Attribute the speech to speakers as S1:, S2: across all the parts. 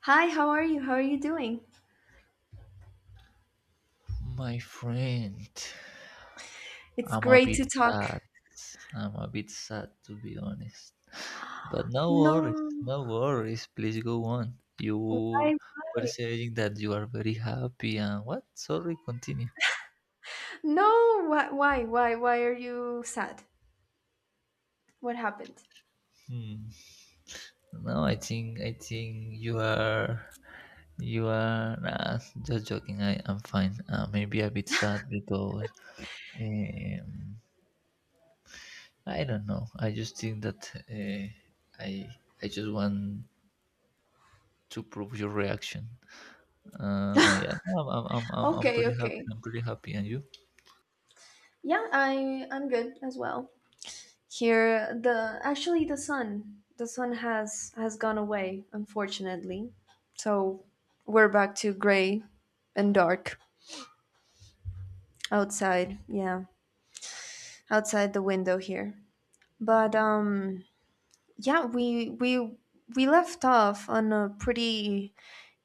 S1: Hi, how are you? How are you doing?
S2: My friend,
S1: It's
S2: I'm a
S1: great
S2: bit
S1: to talk.
S2: sad. I'm a bit sad to be honest. But no worries,
S1: No,
S2: no worries. Please go on. You
S1: why,
S2: were
S1: why?
S2: saying that you are very happy and what? Sorry, continue.
S1: No, why are you sad? What happened?
S2: Hmm. No, I think you are nah, just joking. I am fine. Maybe a bit sad because um, I don't know. I just think that I I just want to prove your reaction. Yeah, no, I'm
S1: Okay,
S2: pretty happy.
S1: okay.
S2: I'm pretty happy. And you?
S1: Yeah, I'm good as well. Here, the actually the sun, the sun has gone away, unfortunately. So we're back to gray and dark outside. Yeah, outside the window here. But yeah we left off on a pretty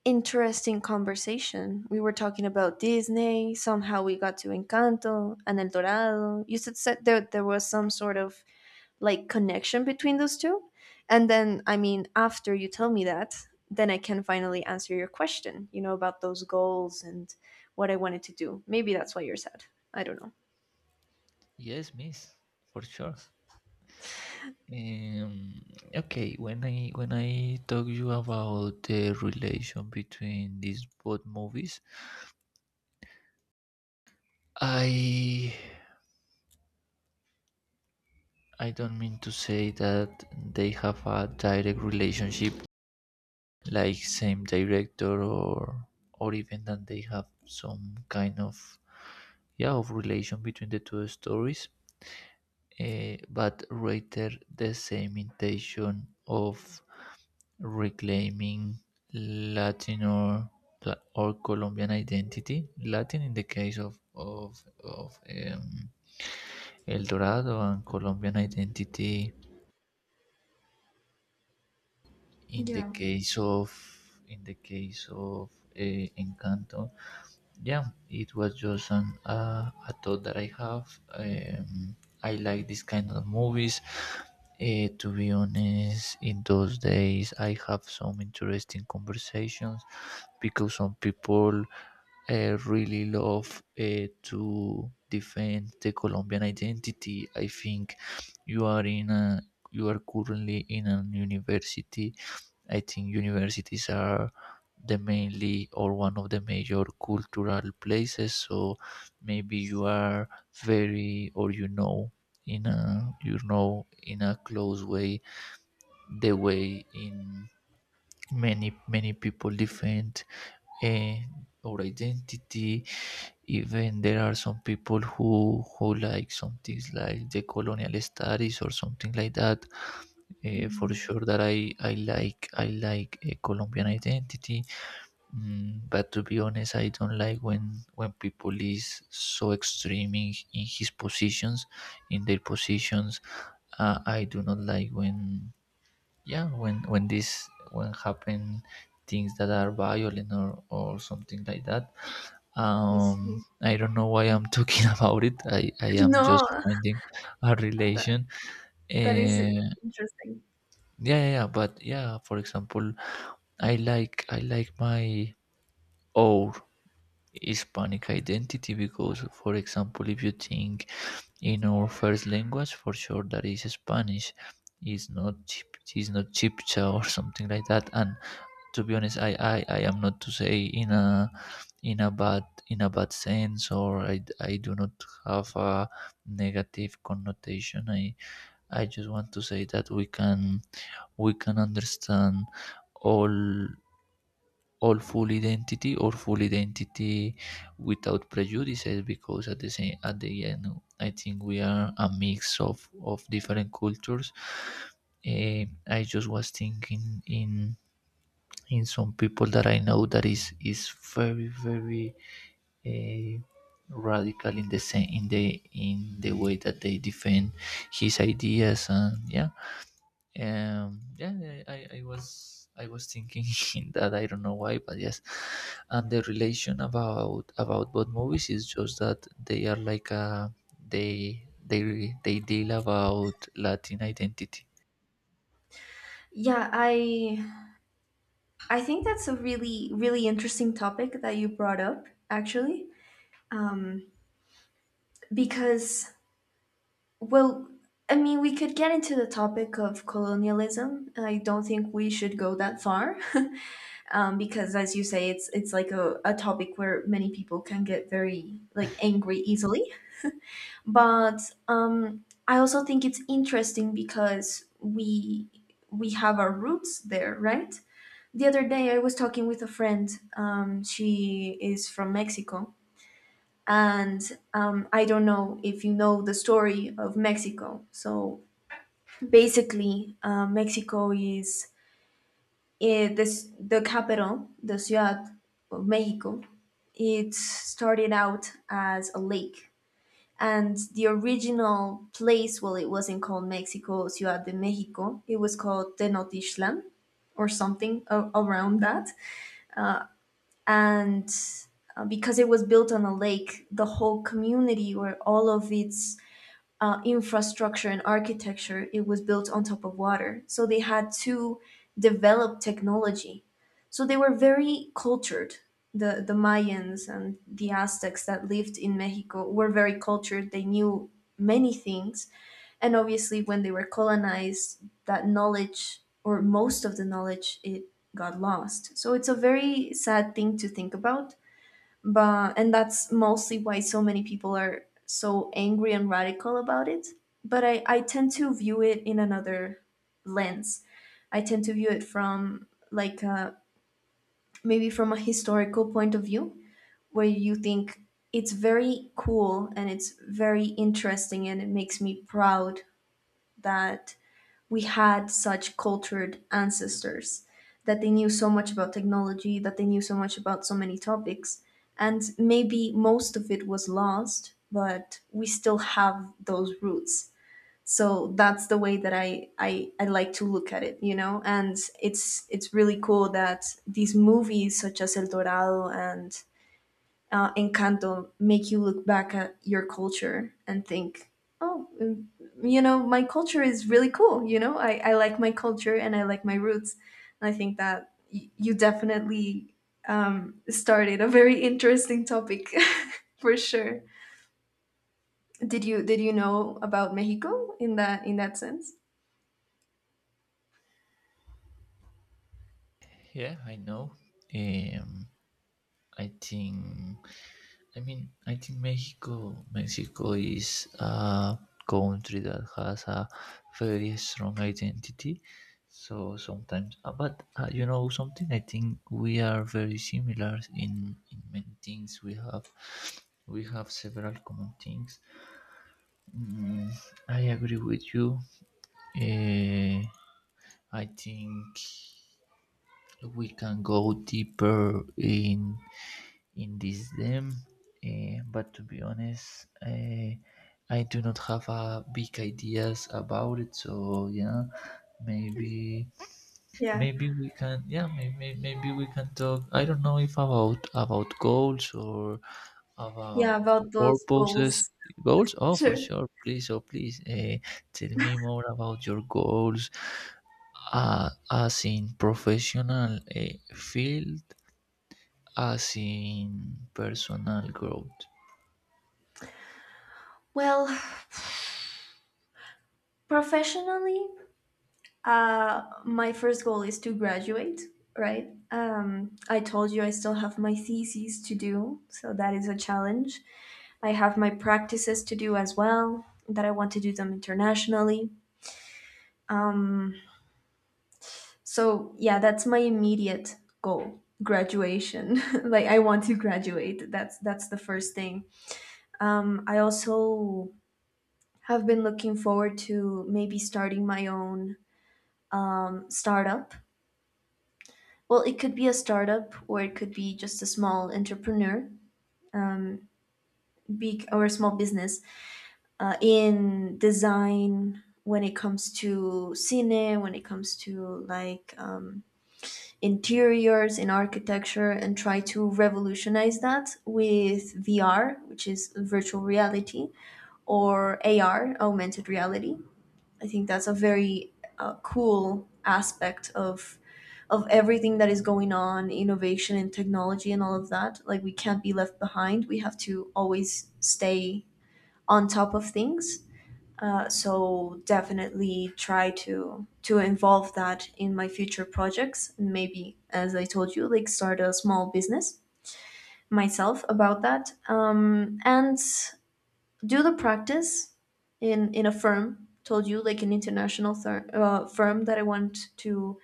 S1: interesting conversation. We were talking about Disney. Somehow we got to Encanto and El Dorado. You said there, there was some sort of like connection between those two. And then I mean after you tell me that, then I can finally answer your question, you know, about those goals and what I wanted to do. Maybe that's why you're sad. I don't know.
S2: Yes, miss, for sure. Um, okay, when I talk you about the relation between these both movies, I I don't mean to say that they have a direct relationship, like same director or even that they have some kind of yeah of relation between the two stories but rather the same intention of reclaiming Latin or Colombian identity. Latin in the case of of. El Dorado and Colombian identity in the
S1: Yeah.
S2: case of in the case of uh, Encanto. Yeah, it was just a thought that I have. I like this kind of movies. To be honest, in those days I have some interesting conversations because some people really love to defend the Colombian identity. I think you are in a you are currently in an university. I think universities are the mainly or one of the major cultural places. So maybe you are very or you know in a you know in a close way the way in many people different and or identity. Even there are some people who like some things like the colonial studies or something like that. For
S1: Hmm.
S2: sure that I like I like a Colombian identity. Mm, but to be honest, I don't like when people is so extreme in his positions, in their positions. I do not like when yeah when this when happen things that are violent or something like that.
S1: I see.
S2: I don't know why I'm talking about it. I am just
S1: No,
S2: finding a
S1: that
S2: relation.
S1: that is
S2: Uh,
S1: interesting.
S2: yeah, but yeah. For example, I like my own Hispanic identity because, for example, if you think in our first language, for sure that is Spanish. Is not chip, is not chipcha or something like that. And to be honest, I am not to say in a bad sense or I do not have a negative connotation. I just want to say that we can understand all full identity without prejudices because at the same at the end I think we are a mix of different cultures. I just was thinking in some people that I know that is very eh, radical in the same in the way that they defend his ideas. And yeah yeah, I was I was thinking that I don't know why but yes. And the relation about both movies is just that they are like they they deal about Latin identity.
S1: Yeah, I think that's a really really interesting topic that you brought up actually. Um because well, I mean, we could get into the topic of colonialism. I don't think we should go that far. Um, because as you say, it's like a topic where many people can get very like angry easily. But I also think it's interesting because we have our roots there, right? The other day, I was talking with a friend. She is from Mexico, and I don't know if you know the story of Mexico. So basically, Mexico is eh, this the capital, the ciudad of Mexico. It started out as a lake, and the original place, well, it wasn't called Mexico Ciudad de Mexico. It was called Tenochtitlan, or something a- around that. And because it was built on a lake, the whole community or all of its infrastructure and architecture, it was built on top of water. So they had to develop technology. So they were very cultured. The Mayans and the Aztecs that lived in Mexico were very cultured. They knew many things. And obviously when they were colonized, that knowledge or most of the knowledge, it got lost. So it's a very sad thing to think about. But and that's mostly why so many people are so angry and radical about it. But I tend to view it in another lens. I tend to view it from like a, maybe from a historical point of view, where you think it's very cool and it's very interesting and it makes me proud that we had such cultured ancestors, that they knew so much about technology, that they knew so much about so many topics. And maybe most of it was lost, but we still have those roots. So that's the way that I like to look at it, you know? And it's really cool that these movies such as El Dorado and Encanto make you look back at your culture and think, oh, mm, you know, my culture is really cool. You know, I like my culture and I like my roots. And I think that you definitely started a very interesting topic for sure. Did you know about Mexico in that sense?
S2: Yeah, I know. um I think, I mean, I think Mexico is a country that has a very strong identity. So sometimes, but you know something. I think we are very similar in many things. We have several common things. Mm, I agree with you. Eh, I think we can go deeper in this game. But to be honest, I do not have a big ideas about it. So yeah, maybe
S1: Yeah,
S2: maybe we can yeah maybe we can talk. I don't know if about about goals or
S1: yeah,
S2: about
S1: about those
S2: purposes
S1: goals.
S2: goals, oh for
S1: Sure.
S2: sure, please, oh please, tell me more about your goals. As in professional field, as in personal growth.
S1: Well, professionally, uh, my first goal is to graduate, right? I told you I still have my theses to do, so that is a challenge. I have my practices to do as well, that I want to do them internationally. Um, so, yeah, that's my immediate goal, graduation. Like I want to graduate. That's the first thing. Um, I also have been looking forward to maybe starting my own startup. Well, it could be a startup or it could be just a small entrepreneur, big or small business in design when it comes to cine, when it comes to like interiors, in architecture, and try to revolutionize that with VR, which is virtual reality, or AR, augmented reality. I think that's a very cool aspect of everything that is going on, innovation and technology and all of that. Like we can't be left behind. We have to always stay on top of things. So definitely try to involve that in my future projects. And maybe as I told you, like start a small business myself about that and do the practice in a firm. Told you like an international firm that I want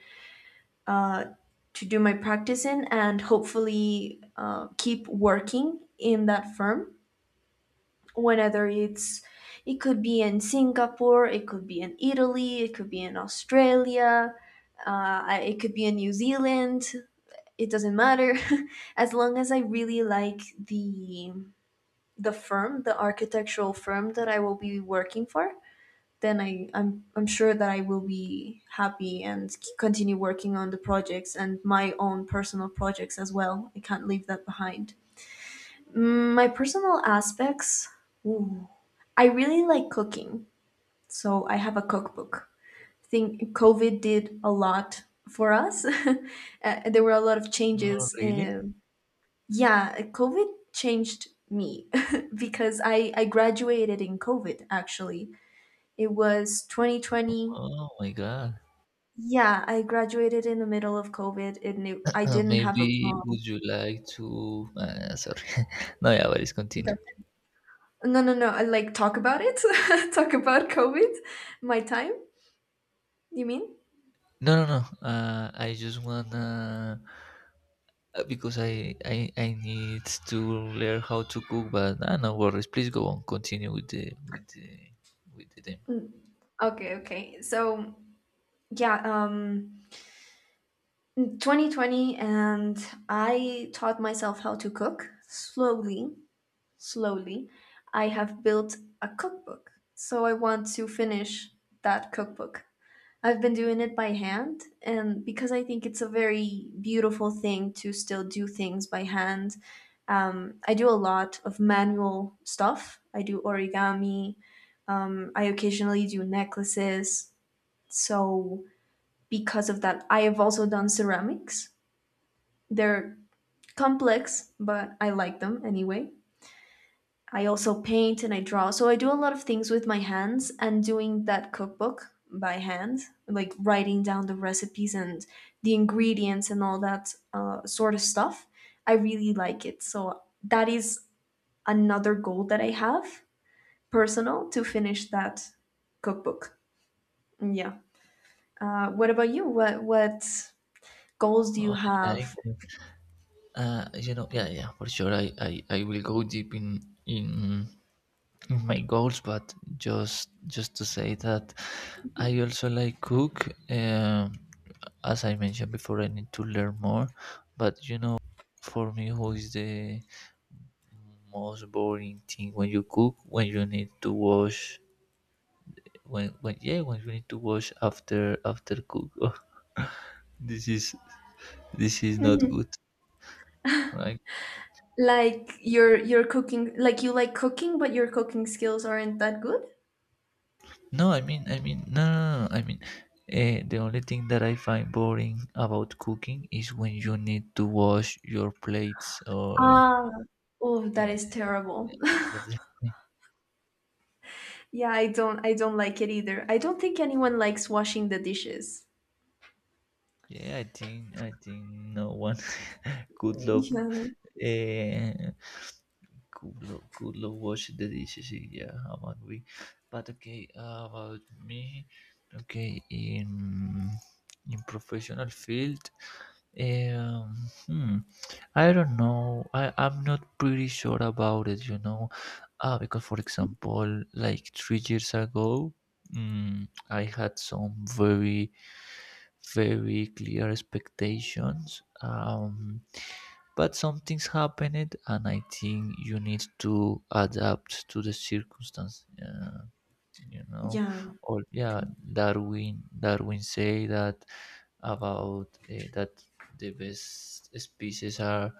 S1: uh, to do my practice in, and hopefully keep working in that firm, whenever it's, it could be in Singapore, it could be in Italy, it could be in Australia, it could be in New Zealand. It doesn't matter. As long as I really like the firm, the architectural firm that I will be working for, then I'm sure that I will be happy and continue working on the projects and my own personal projects as well. I can't leave that behind. Mm, my personal aspects, ooh, I really like cooking. So I have a cookbook. I think COVID did a lot for us. Uh, there were a lot of
S2: Oh,
S1: changes.
S2: really?
S1: Yeah, COVID changed me because I graduated in COVID actually. It was 2020.
S2: Oh my God.
S1: Yeah, I graduated in the middle of COVID. It knew I didn't have a
S2: Maybe
S1: prom.
S2: would you like to? Sorry. No, yeah, but it's
S1: Go.
S2: continue.
S1: No, no, no. I, like talk about it. Talk about COVID. My time, you mean?
S2: No, no, no. I just wanna because I I need to learn how to cook. But no worries. Please go on. Continue with the with the with the theme.
S1: Mm, okay, okay. So, yeah, 2020, and I taught myself how to cook slowly, slowly. I have built a cookbook. So I want to finish that cookbook. I've been doing it by hand, and because I think it's a very beautiful thing to still do things by hand. I do a lot of manual stuff. I do origami. I occasionally do necklaces. So, because of that, I have also done ceramics. They're complex, but I like them anyway. I also paint and I draw. So I do a lot of things with my hands, and doing that cookbook by hand, like writing down the recipes and the ingredients and all that sort of stuff, I really like it. So that is another goal that I have personal, to finish that cookbook. Mm, yeah. What about you? What goals do you
S2: Oh, I like
S1: have?
S2: it. You know, yeah, yeah, for sure. I will go deep in my goals, but just to say that I also like cook. As I mentioned before, I need to learn more. But you know, for me, who is the most boring thing, when you cook, when you need to wash, when yeah when you need to wash after after cook. Oh, this is this is not
S1: Mhm.
S2: good. I
S1: Like your cooking, like you like cooking, but your cooking skills aren't that good.
S2: No, no, no, no, no, I mean, the only thing that I find boring about cooking is when you need to wash your plates or
S1: Ah, oh, that
S2: yeah,
S1: is terrible.
S2: yeah, that's the thing.
S1: Yeah, I don't like it either. I don't think anyone likes washing the dishes.
S2: Yeah, I think no one could love
S1: Yeah.
S2: Eh, Kulo, Kulo washing the dishes. Yeah, I'm angry. But okay, about me. Okay, in professional field, um, hmm, I don't know. I'm not pretty sure about it. You know, because for example, like 3 years ago, mm, I had some very clear expectations. But something's happened, and I think you need to adapt to the circumstance. You know,
S1: Yeah.
S2: or yeah, Darwin say that about that the best species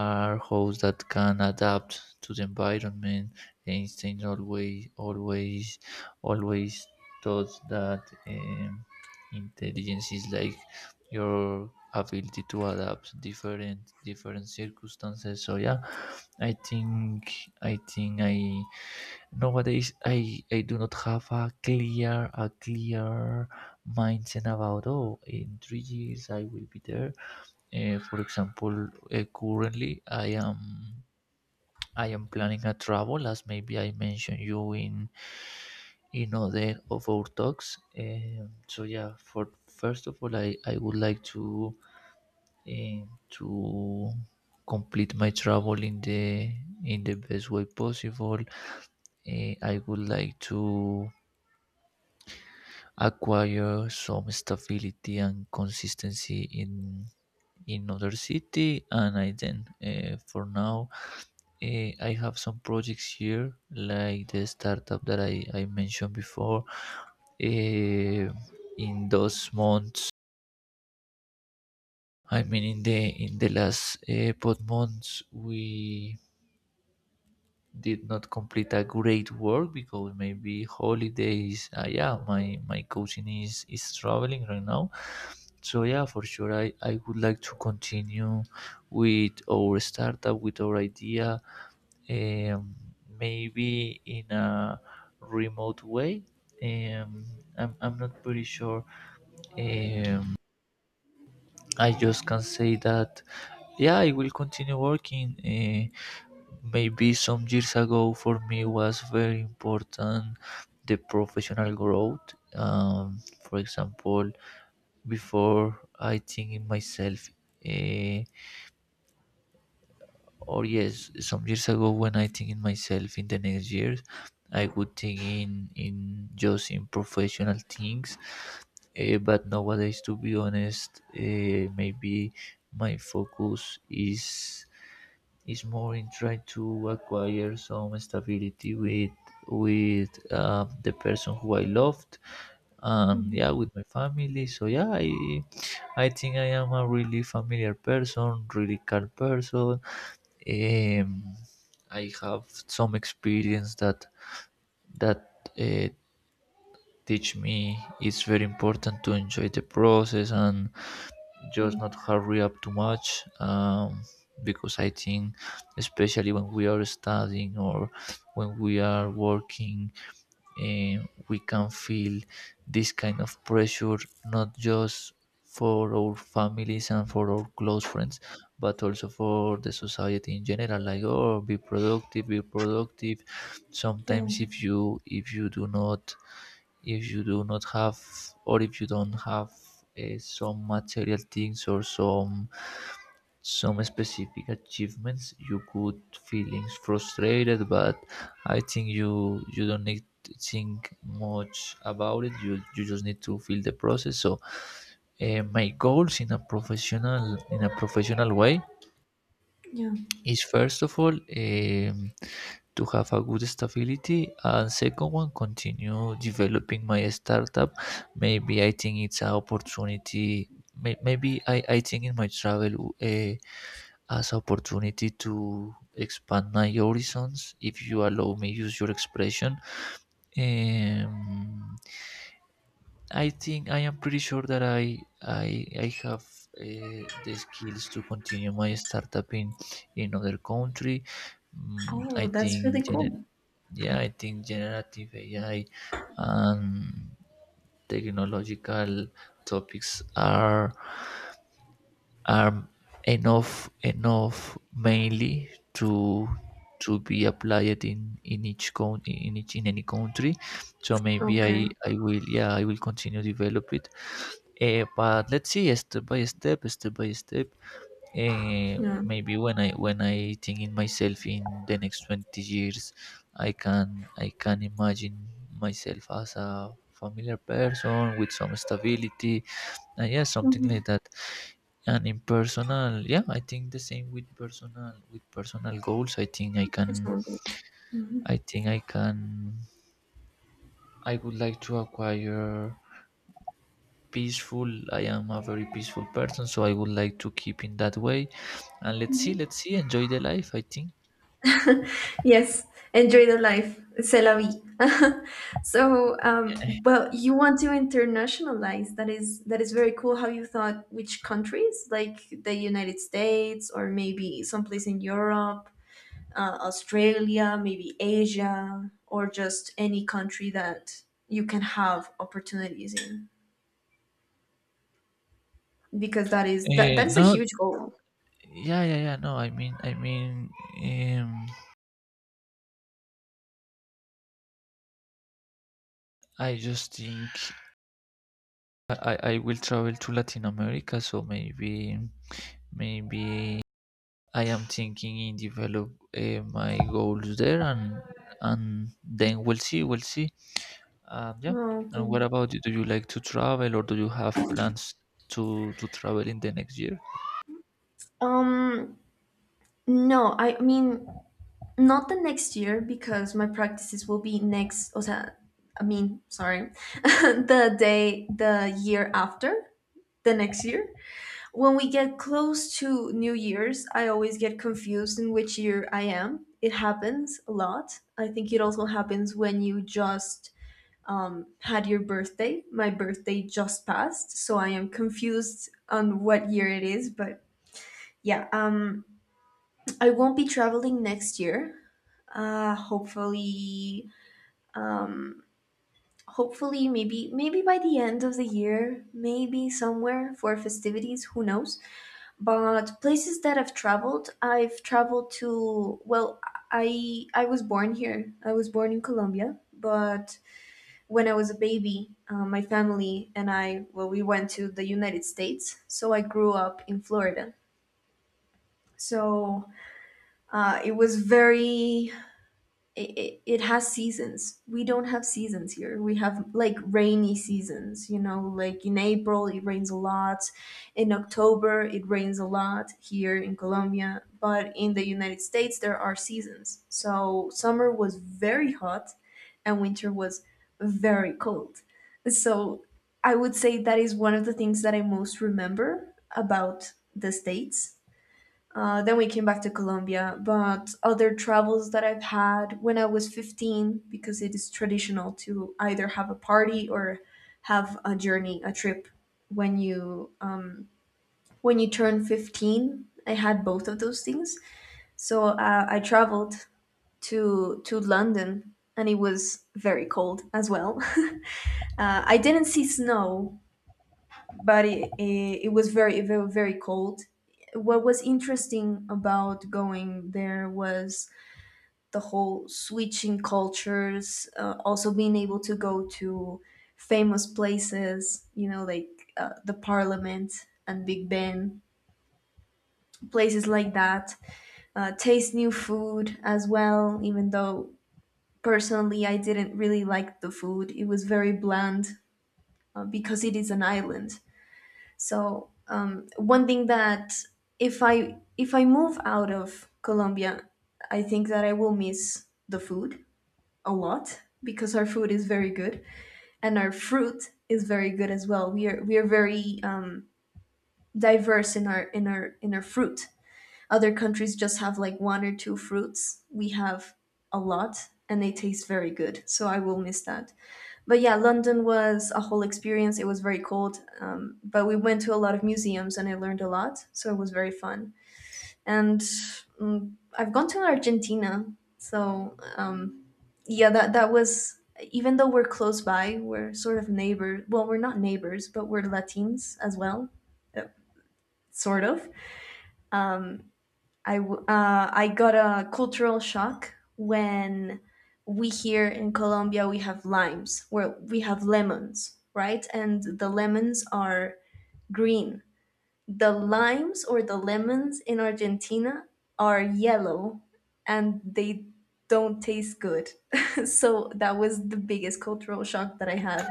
S2: are hosts that can adapt to the environment. Einstein always thought that intelligence is like your ability to adapt different circumstances. So yeah, I think I think I nowadays I do not have a clear mindset about oh in 3 years I will be there. For example, currently I am planning a travel, as maybe I mentioned you in other of our talks. So yeah, for first of all, I would like to complete my travel in the best way possible. I would like to acquire some stability and consistency in other city, and I then for now I have some projects here, like the startup that I mentioned before. Eh, in those months, I mean, in the last pod months, we did not complete a great work because maybe holidays. Yeah, my cousin is traveling right now, so yeah, for sure, I would like to continue with our startup, with our idea. um, Maybe in a remote way. Um, I'm not pretty sure. Um, I just can say that yeah, I will continue working. Maybe some years ago, for me, was very important the professional growth. For example, before I think in myself. Uh, or yes, some years ago when I think in myself in the next years I would think in just in professional things. But nowadays, to be honest, maybe my focus is more in trying to acquire some stability with the person who I loved, and yeah,
S1: Mhm.
S2: with my family. So yeah, I think I am a really familiar person, really calm person. um, I have some experience that that teach me it's very important to enjoy the process and just not hurry up too much. Because I think, especially when we are studying or when we are working, eh, we can feel this kind of pressure, not just for our families and for our close friends, but also for the society in general, like oh be productive, be productive.
S1: Yeah.
S2: Sometimes if you do not if you do not have or if you don't have some material things or some specific achievements, you could feelings frustrated. But I think you you don't need to think much about it. You just need to feel the process. So my goals in a professional way
S1: Yeah.
S2: is, first of all, to have a good stability, and second one, continue developing my startup. Maybe I think it's an opportunity. Maybe I think in my travel as opportunity to expand my horizons, if you allow me use your expression. um, I think I am pretty sure that I have the skills to continue my startup in other country. Mm, i
S1: Oh, that's
S2: think
S1: really
S2: gener-
S1: cool.
S2: yeah, I think generative AI and technological topics are enough enough mainly to be applied in each count in each in any country. So maybe i
S1: Okay.
S2: i will, yeah, I will continue develop it. But let's see, step by step, step by step. Eh,
S1: Yeah.
S2: Maybe when I think in myself in the next 20 years, I can I can imagine myself as a familiar person with some stability. Yeah, something
S1: Mhm.
S2: like that. And in personal, yeah, I think the same with personal goals.
S1: That sounds good. Mhm.
S2: I think I can I would like to acquire peaceful. I am a very peaceful person, so I would like to keep in that way. And let's see, let's see, enjoy the life, I think.
S1: Yes, enjoy the life. C'est la vie. So, well, you want to internationalize. That is very cool. How you thought which countries, like the United States or maybe someplace in Europe, Australia, maybe Asia, or just any country that you can have opportunities in, because that is that
S2: uh,
S1: that is a
S2: no
S1: huge goal.
S2: yeah, no, I mean um I just think I will travel to Latin America, so maybe maybe I am thinking in develop my goals there, and then we'll see, we'll see. Yeah.
S1: Oh,
S2: And
S1: okay.
S2: what about you? Do you like to travel, or do you have plans to travel in the next year?
S1: Um, no, I mean not the next year because my practices will be next, o sea, I mean, sorry, the day, the year after, the next year. When we get close to New Year's, I always get confused in which year I am. It happens a lot. I think it also happens when you just had your birthday. My birthday just passed, so I am confused on what year it is, but yeah, I won't be traveling next year. Hopefully, um, hopefully maybe maybe by the end of the year, maybe somewhere for festivities, who knows. But places that I've traveled, I've traveled to, well, I was born here. I was born in Colombia, but when I was a baby, my family and I, well, we went to the United States, so I grew up in Florida. So it was very, it has seasons. We don't have seasons here. We have like rainy seasons, you know, like in April it rains a lot, in October it rains a lot here in Colombia, but in the United States there are seasons. So summer was very hot and winter was very cold. So I would say that is one of the things that I most remember about the States. Uh, then we came back to Colombia, but other travels that I've had, when I was 15, because it is traditional to either have a party or have a journey, a trip when you um, when you turn 15. I had both of those things, so I traveled to London, and it was very cold as well. Uh, I didn't see snow, but it was very very very cold. What was interesting about going there was the whole switching cultures, also being able to go to famous places, you know, like the Parliament and Big Ben, places like that. Taste new food as well, even though personally I didn't really like the food. It was very bland because it is an island. So one thing that if I move out of Colombia, I think that I will miss the food a lot because our food is very good and our fruit is very good as well. We are very diverse in our fruit. Other countries just have like one or two fruits. We have a lot and they taste very good. So I will miss that. But yeah, London was a whole experience. It was very cold, but we went to a lot of museums and I learned a lot. So it was very fun. And I've gone to Argentina, so yeah, that was even though we're close by, we're sort of neighbors. Well, we're not neighbors, but we're Latins as well. uh, Sort of, I got a cultural shock when, we here in colombia, we have limes where we have lemons, right? And the lemons are green. The limes or the lemons in Argentina are yellow and they don't taste good. So that was the biggest cultural shock that I had.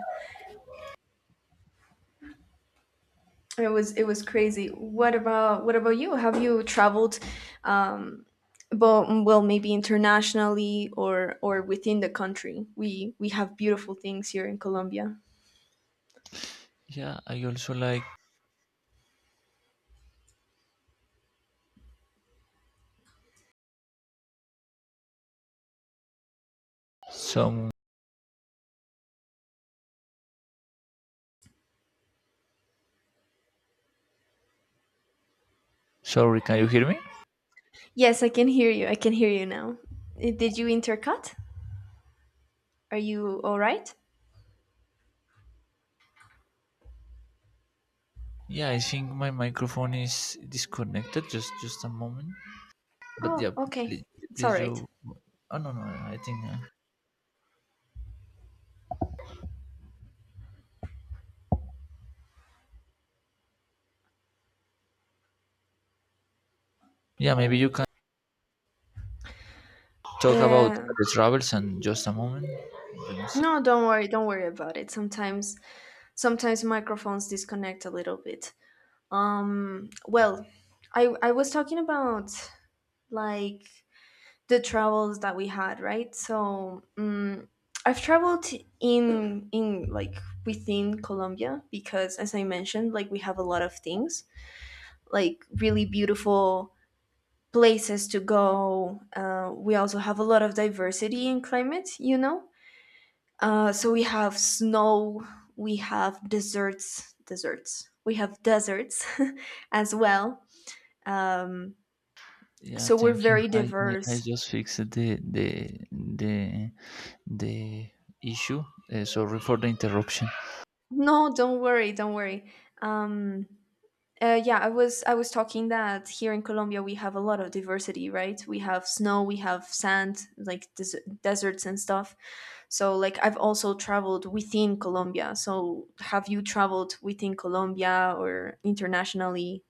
S1: It was crazy. What about you? Have you traveled, um but well, maybe internationally or within the country? We have beautiful things here in Colombia.
S2: Yeah, I also like some. Sorry, can you hear me?
S1: Yes, I can hear you. I can hear you now. Did you intercut? Are you all right?
S2: Yeah, I think my microphone is disconnected. Just a moment. But
S1: Oh,
S2: yeah,
S1: okay.
S2: please,
S1: It's all
S2: please
S1: right.
S2: you. Oh no no, I think. Yeah, maybe you can talk about
S1: Uh,
S2: the travels and just a moment. Let me see.
S1: no, don't worry about it. Sometimes, sometimes microphones disconnect a little bit. Well, I was talking about, like, the travels that we had, right? So, I've traveled in like within Colombia because, as I mentioned, like we have a lot of things, like really beautiful places to go. We also have a lot of diversity in climate, you know. So we have snow, we have deserts. We have deserts as well. Um,
S2: Yeah,
S1: so we're
S2: thank you.
S1: very
S2: I
S1: diverse.
S2: just fixed the the issue. Sorry for the interruption.
S1: No, don't worry, don't worry. Um, yeah, I was talking that here in Colombia we have a lot of diversity, right? We have snow, we have sand, like deserts and stuff. So like I've also traveled within Colombia. So have you traveled within Colombia or internationally?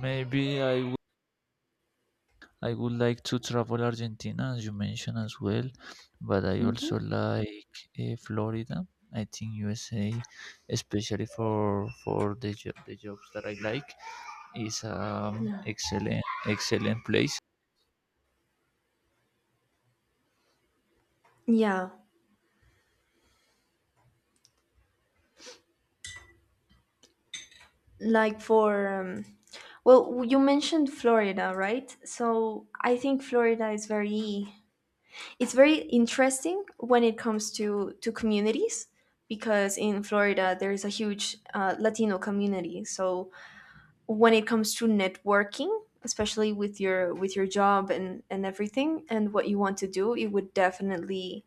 S2: Maybe I would like to travel Argentina as you mentioned as well, but I
S1: Hmm.
S2: also like Florida. I think USA, especially for the the jobs that I like, is
S1: Yeah.
S2: excellent excellent place.
S1: Yeah, like for well, you mentioned Florida, right? So I think Florida is very, it's very interesting when it comes to communities because in Florida there is a huge Latino community. So when it comes to networking, especially with your job and everything and what you want to do, it would definitely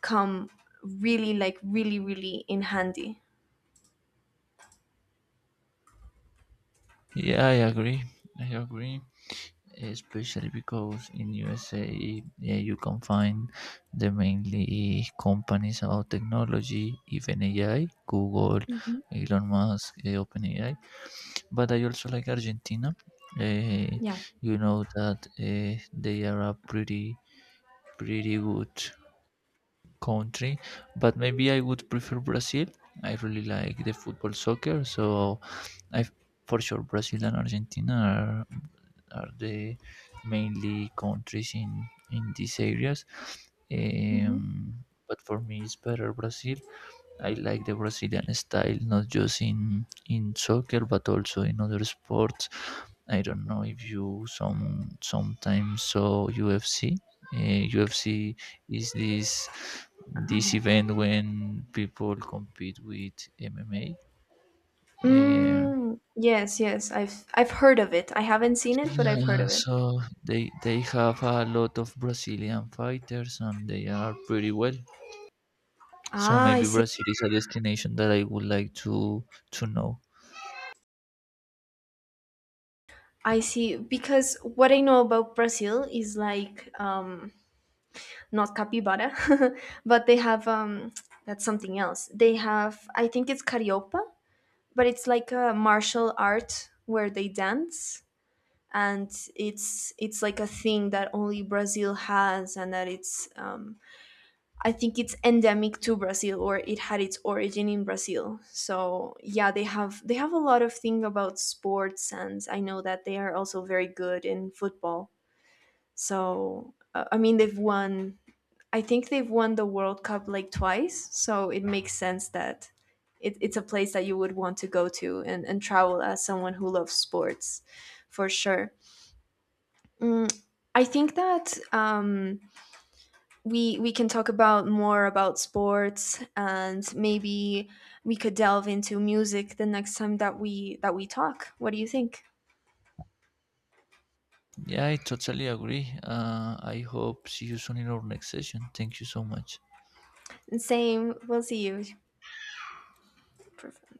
S1: come really, like, really really in handy.
S2: Yeah, I agree. I agree. Especially because in USA, yeah, you can find the mainly companies about technology, even AI, Google,
S1: Hmm.
S2: Elon Musk, OpenAI. But I also like Argentina. Eh,
S1: Yeah.
S2: you know that they are a pretty good country, but maybe I would prefer Brazil. I really like the football soccer, so I for sure Brazil and Argentina are the mainly countries in these areas. But for me, it's better Brazil. I like the Brazilian style, not just in soccer but also in other sports. I don't know if you some sometimes saw UFC. Uh, UFC is this event when people compete with MMA. Uh,
S1: Mm, yes, yes. I've heard of it. I haven't seen it, but I've heard
S2: yeah,
S1: of it.
S2: so they have a lot of Brazilian fighters and they are pretty well. So
S1: Ah, I
S2: maybe
S1: see.
S2: Brazil is a destination that I would like to know.
S1: I see. Because what I know about Brazil is like, not capybara, but they have that's something else. They have, I think it's carioca, but it's like a martial art where they dance and it's like a thing that only Brazil has and that it's, I think it's endemic to Brazil or it had its origin in Brazil. So yeah, they have a lot of thing about sports and I know that they are also very good in football. So I mean they've won, I think they've won the World Cup like twice, so it makes sense that it, it's a place that you would want to go to and travel as someone who loves sports for sure. Mm, I think that we can talk about more about sports and maybe we could delve into music the next time that we talk. What do you think?
S2: Yeah, I totally agree. I hope see you soon in our next session. Thank you so much.
S1: And same, we'll see you preference